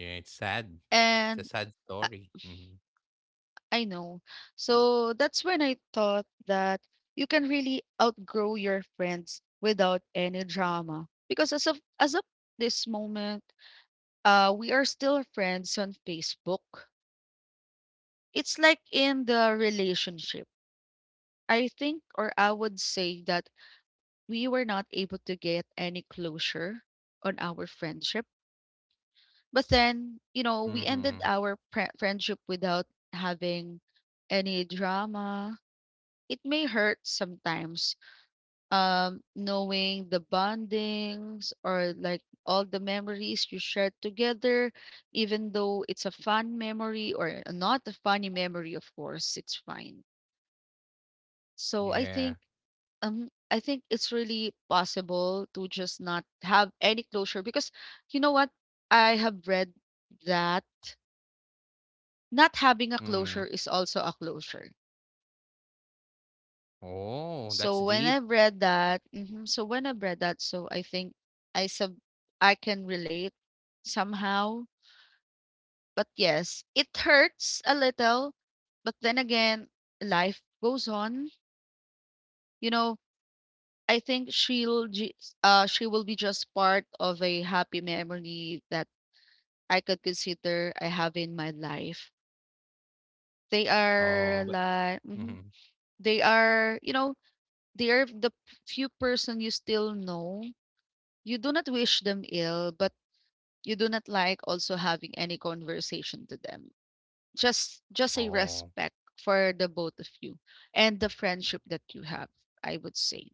yeah, it's sad. It's a
And
sad
I,
story. Mm-hmm.
I know. So that's when I thought that you can really outgrow your friends without any drama, because as of this moment, we are still friends on Facebook. It's like in the relationship. I think, or I would say that we were not able to get any closure on our friendship. But then, you know, we
Mm-hmm.
ended our friendship without having any drama. It may hurt sometimes, knowing the bondings, or like all the memories you shared together, even though it's a fun memory or not a funny memory, of course, it's fine. So
Yeah.
I think it's really possible to just not have any closure, because you know what? I have read that not having a closure is also a closure.
Oh, that's
So when
deep.
I've read so when I've read that, so I think I sub I can relate somehow. But yes, it hurts a little, but then again, life goes on. You know, I think she will be just part of a happy memory that I could consider I have in my life. They
Oh,
are
but
like, mhm,
mhm.
they are, you know, they are the few person you still know. You do not wish them ill, but you do not like also having any conversation to them. Just a
Oh,
respect for the both of you and the friendship that you have, I would say.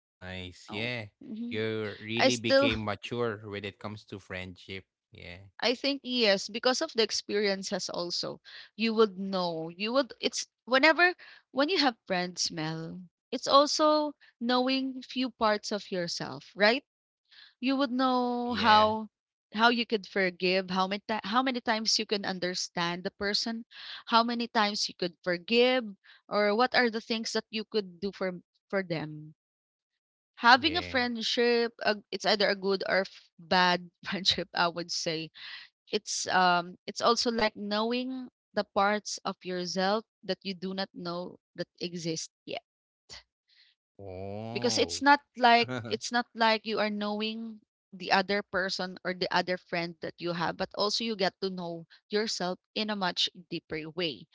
nice.
Oh.
Yeah.
Mhm.
You
I
really
still,
became mature when it comes to friendship. Yeah.
I think yes, because of the experiences also, you would know. You would it's whenever when you have friends, Mel, it's also knowing few parts of yourself, right? You would know
Yeah.
how you could forgive, how many times you can understand the person, how many times you could forgive, or what are the things that you could do for them. Having a
Yeah.
friendship, it's either a good or bad [laughs] friendship, I would say. It's also like knowing the parts of yourself that you do not know that exist yet because
Oh.
it's not like
[laughs]
it's not like you are knowing the other person or the other friend that you have, but also you get to know yourself in a much deeper way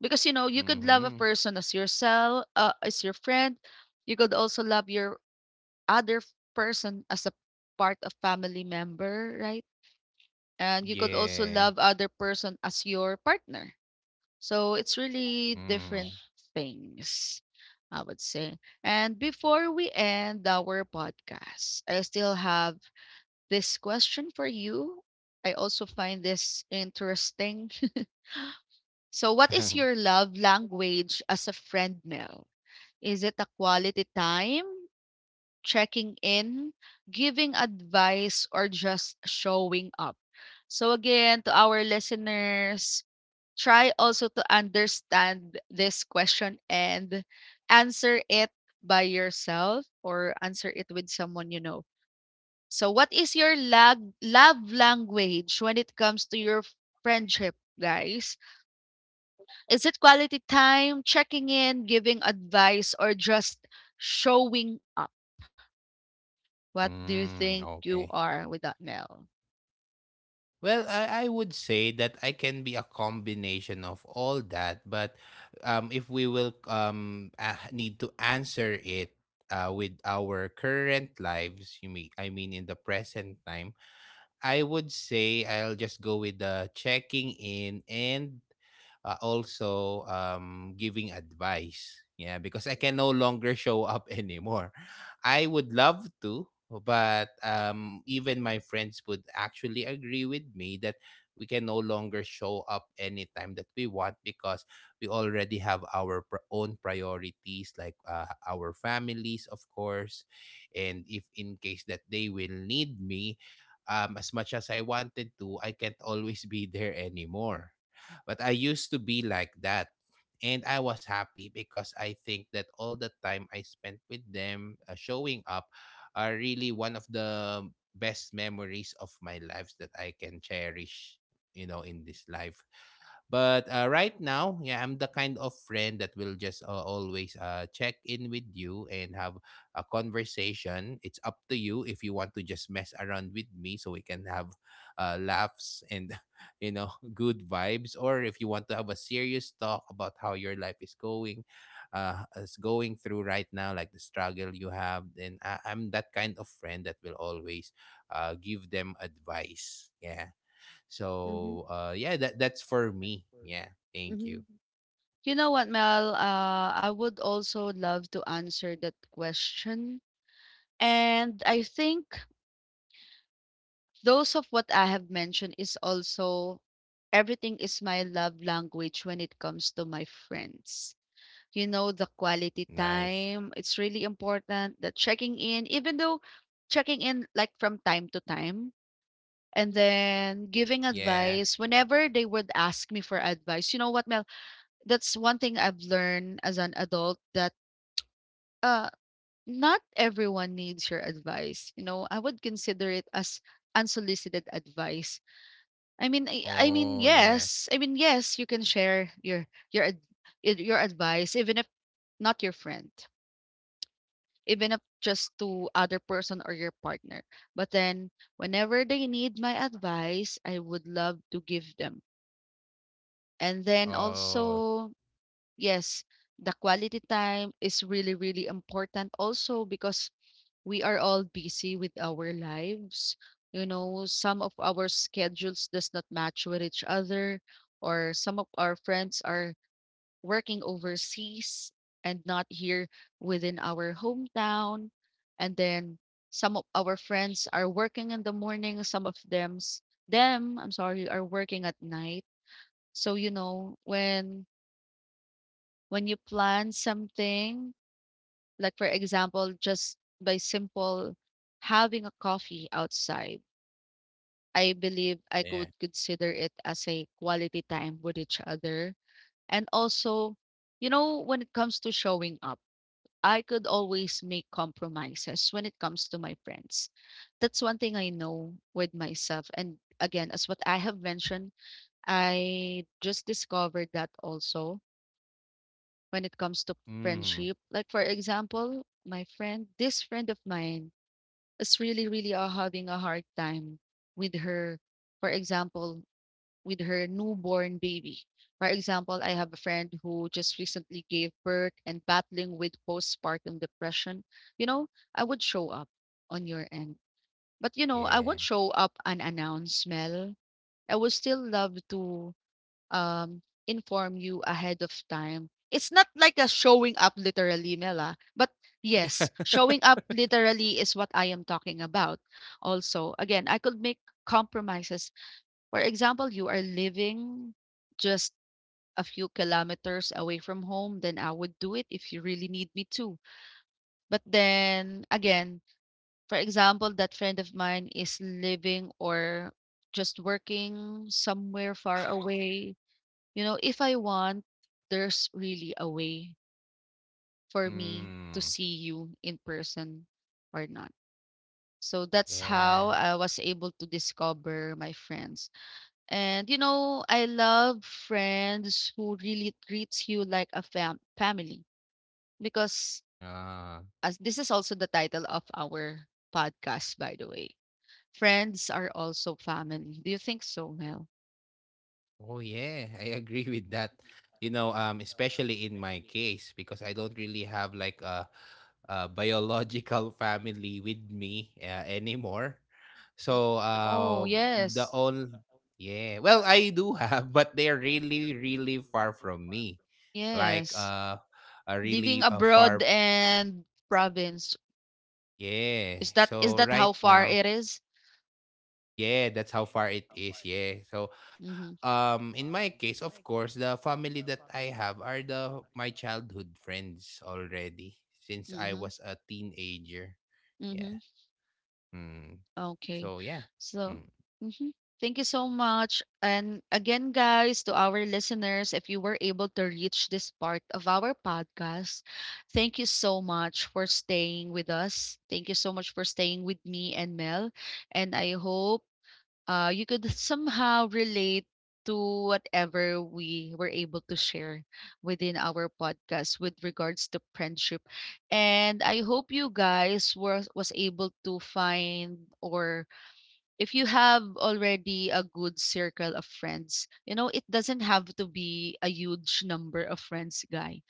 because, you know, you could love a
Mm-hmm.
person as yourself, as your friend. You could also love your other person as a part of family member, right? And you could also
Yeah.
love other person as your partner. So it's really different
Mm.
things, I would say. And before we end our podcast, I still have this question for you. I also find this interesting. [laughs] So, what is your
[laughs]
love language as a friend, Mel? Is it a quality time, checking in, giving advice, or just showing up? So, again, to our listeners, try also to understand this question and answer it by yourself, or answer it with someone you know. So, what is your love language when it comes to your friendship, guys? Is it quality time, checking in, giving advice, or just showing up? What do you think
Mm.
you
Okay.
are with that, Mel?
Well, I would say that I can be a combination of all that, but if we will need to answer it with our current lives, you mean I mean in the present time, I would say I'll just go with the checking in and also giving advice. Yeah, because I can no longer show up [laughs] anymore. I would love to, but even my friends would actually agree with me that we can no longer show up anytime that we want because we already have our own priorities, like our families, of course. And if in case that they will need me, as much as I wanted to, I can't [laughs] always be there anymore. But I used to be like that. And I was happy because I think that all the time I spent with them showing up are really one of the best memories of my lives that I can cherish, you know, in this life. But right now, yeah, I'm the kind of friend that will just always check in with you and have a conversation. It's up to you if you want to just mess around with me so we can have laughs and, [laughs] you know, good vibes. Or if you want to have a serious talk about how your life is going through right now, like the struggle you have, then I'm that kind of friend that will always give them advice. Yeah.
Mm-hmm.
So yeah, that's for me. Yeah. Thank
Mm-hmm.
you.
You know what, Mel? I would also love to answer that question. And I think those of what I have mentioned is also everything is my love language when it comes to my friends. You know, the quality
Nice.
time, it's really important. The checking in, even though checking in like from time to time, and then giving
Yeah.
advice whenever they would ask me for advice. You know what, Mel? That's one thing I've learned as an adult that uh not everyone needs your advice. You know, I would consider it as unsolicited advice. I mean,
Oh, yeah.
I mean, yes, you can share your your advice, even if not your friend, even if just to other person or your partner. But then, whenever they need my advice, I would love to give them. And then
Oh,
also, yes, the quality time is really really important also because we are all busy with our lives. You know, some of our schedules does not match with each other, or some of our friends are working overseas and not here within our hometown. And then some of our friends are working in the morning, some of them, I'm sorry, are working at night. So you know, when you plan something, like for example, just by simple having a coffee outside, I believe I
yeah.
could consider it as a quality time with each other. And also, you know, when it comes to showing up, I could always make compromises when it comes to my friends. That's one thing I know with myself. And again, as what I have mentioned, I just discovered that also when it comes to
Mm.
friendship. Like, for example, my friend, this friend of mine, is really, really having a hard time with her, for example, with her newborn baby. For example, I have a friend who just recently gave birth and battling with postpartum depression. You know, I would show up on your end. But you know, I
Yeah.
won't show up unannounced, Mel. I would still love to um, inform you ahead of time. It's not like a showing up literally, Mela, but yes, showing
[laughs]
up literally is what I am talking about. Also, again, I could make compromises. For example, you are living just a few kilometers away from home, then I would do it if you really need me to. But then again, for example, that friend of mine is living or just working somewhere far [laughs] away. You know, if I want, there's really a way for me
Mm.
to see you in person or not. So that's
Yeah.
how I was able to discover my friends. And you know, I love friends who really treats you like a family, because
Ah.
as this is also the title of our podcast, by the way. Friends are also family. Do you think so, Mel?
Oh yeah, I agree with that. You know, especially in my case because I don't really have like a biological [laughs] family with me anymore.
Mhm.
So
No,
the
yes.
all yeah, well, I do have, but they're really, really far from me, like
Yes.
a
Living
really
abroad
far.
and province.
Yeah.
Is that is
So
that how
right
far it
now,
is?
yeah, that's how far it is. Yeah. So
Mm-hmm.
in my case of course the family that I have are the my childhood friends already since I
Mm-hmm.
was a teenager.
Mm-hmm.
Yeah. Mm.
Okay.
So yeah.
So
Mm.
mm-hmm, thank you so much. And again, guys, to our listeners, if you were able to reach this part of our podcast, thank you so much for staying with us. Thank you so much for staying with me and Mel. And I hope you could somehow relate to whatever we were able to share within our podcast with regards to friendship. And I hope you guys were was able to find, or if you have already a good circle of friends, you know, it doesn't have to be a huge number of friends,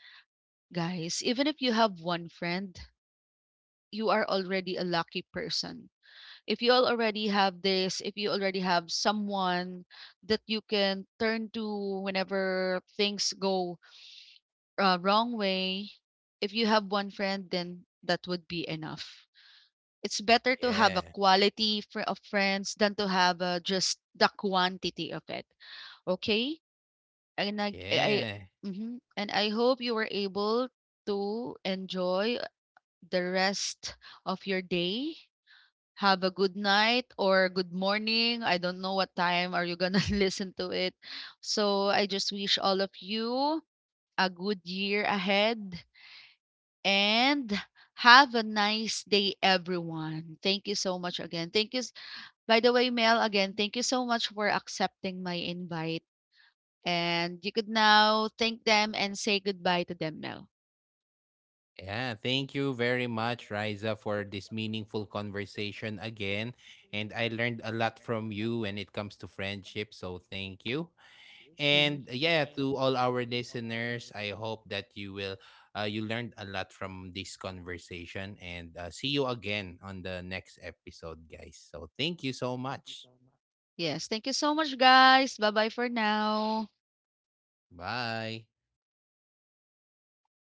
guys. Even if you have one friend, you are already a lucky person if you all already have this, if you already have someone that you can turn to whenever things go wrong way, if you have one friend, then that would be enough. It's better to have
Yeah.
a quality of friends than to have just the quantity of it. Okay, and I
Yeah.
mhm. And I hope you were able to enjoy the rest of your day. Have a good night or good morning. I don't know what time are you going to [laughs] listen to it. So I just wish all of you a good year ahead and have a nice day everyone. Thank you so much again. By the way, Mel, again, thank you so much for accepting my invite, and you could now thank them and say goodbye to them, Mel.
Yeah, thank you very much, Riza, for this meaningful conversation again, and I learned a lot from you when it comes to friendship, so thank you.
Mhm.
And yeah, to all our listeners, I hope that you will you learned a lot from this conversation and see you again on the next episode, guys. So thank you so much.
Yes, thank you so much guys. Bye-bye for now.
Bye.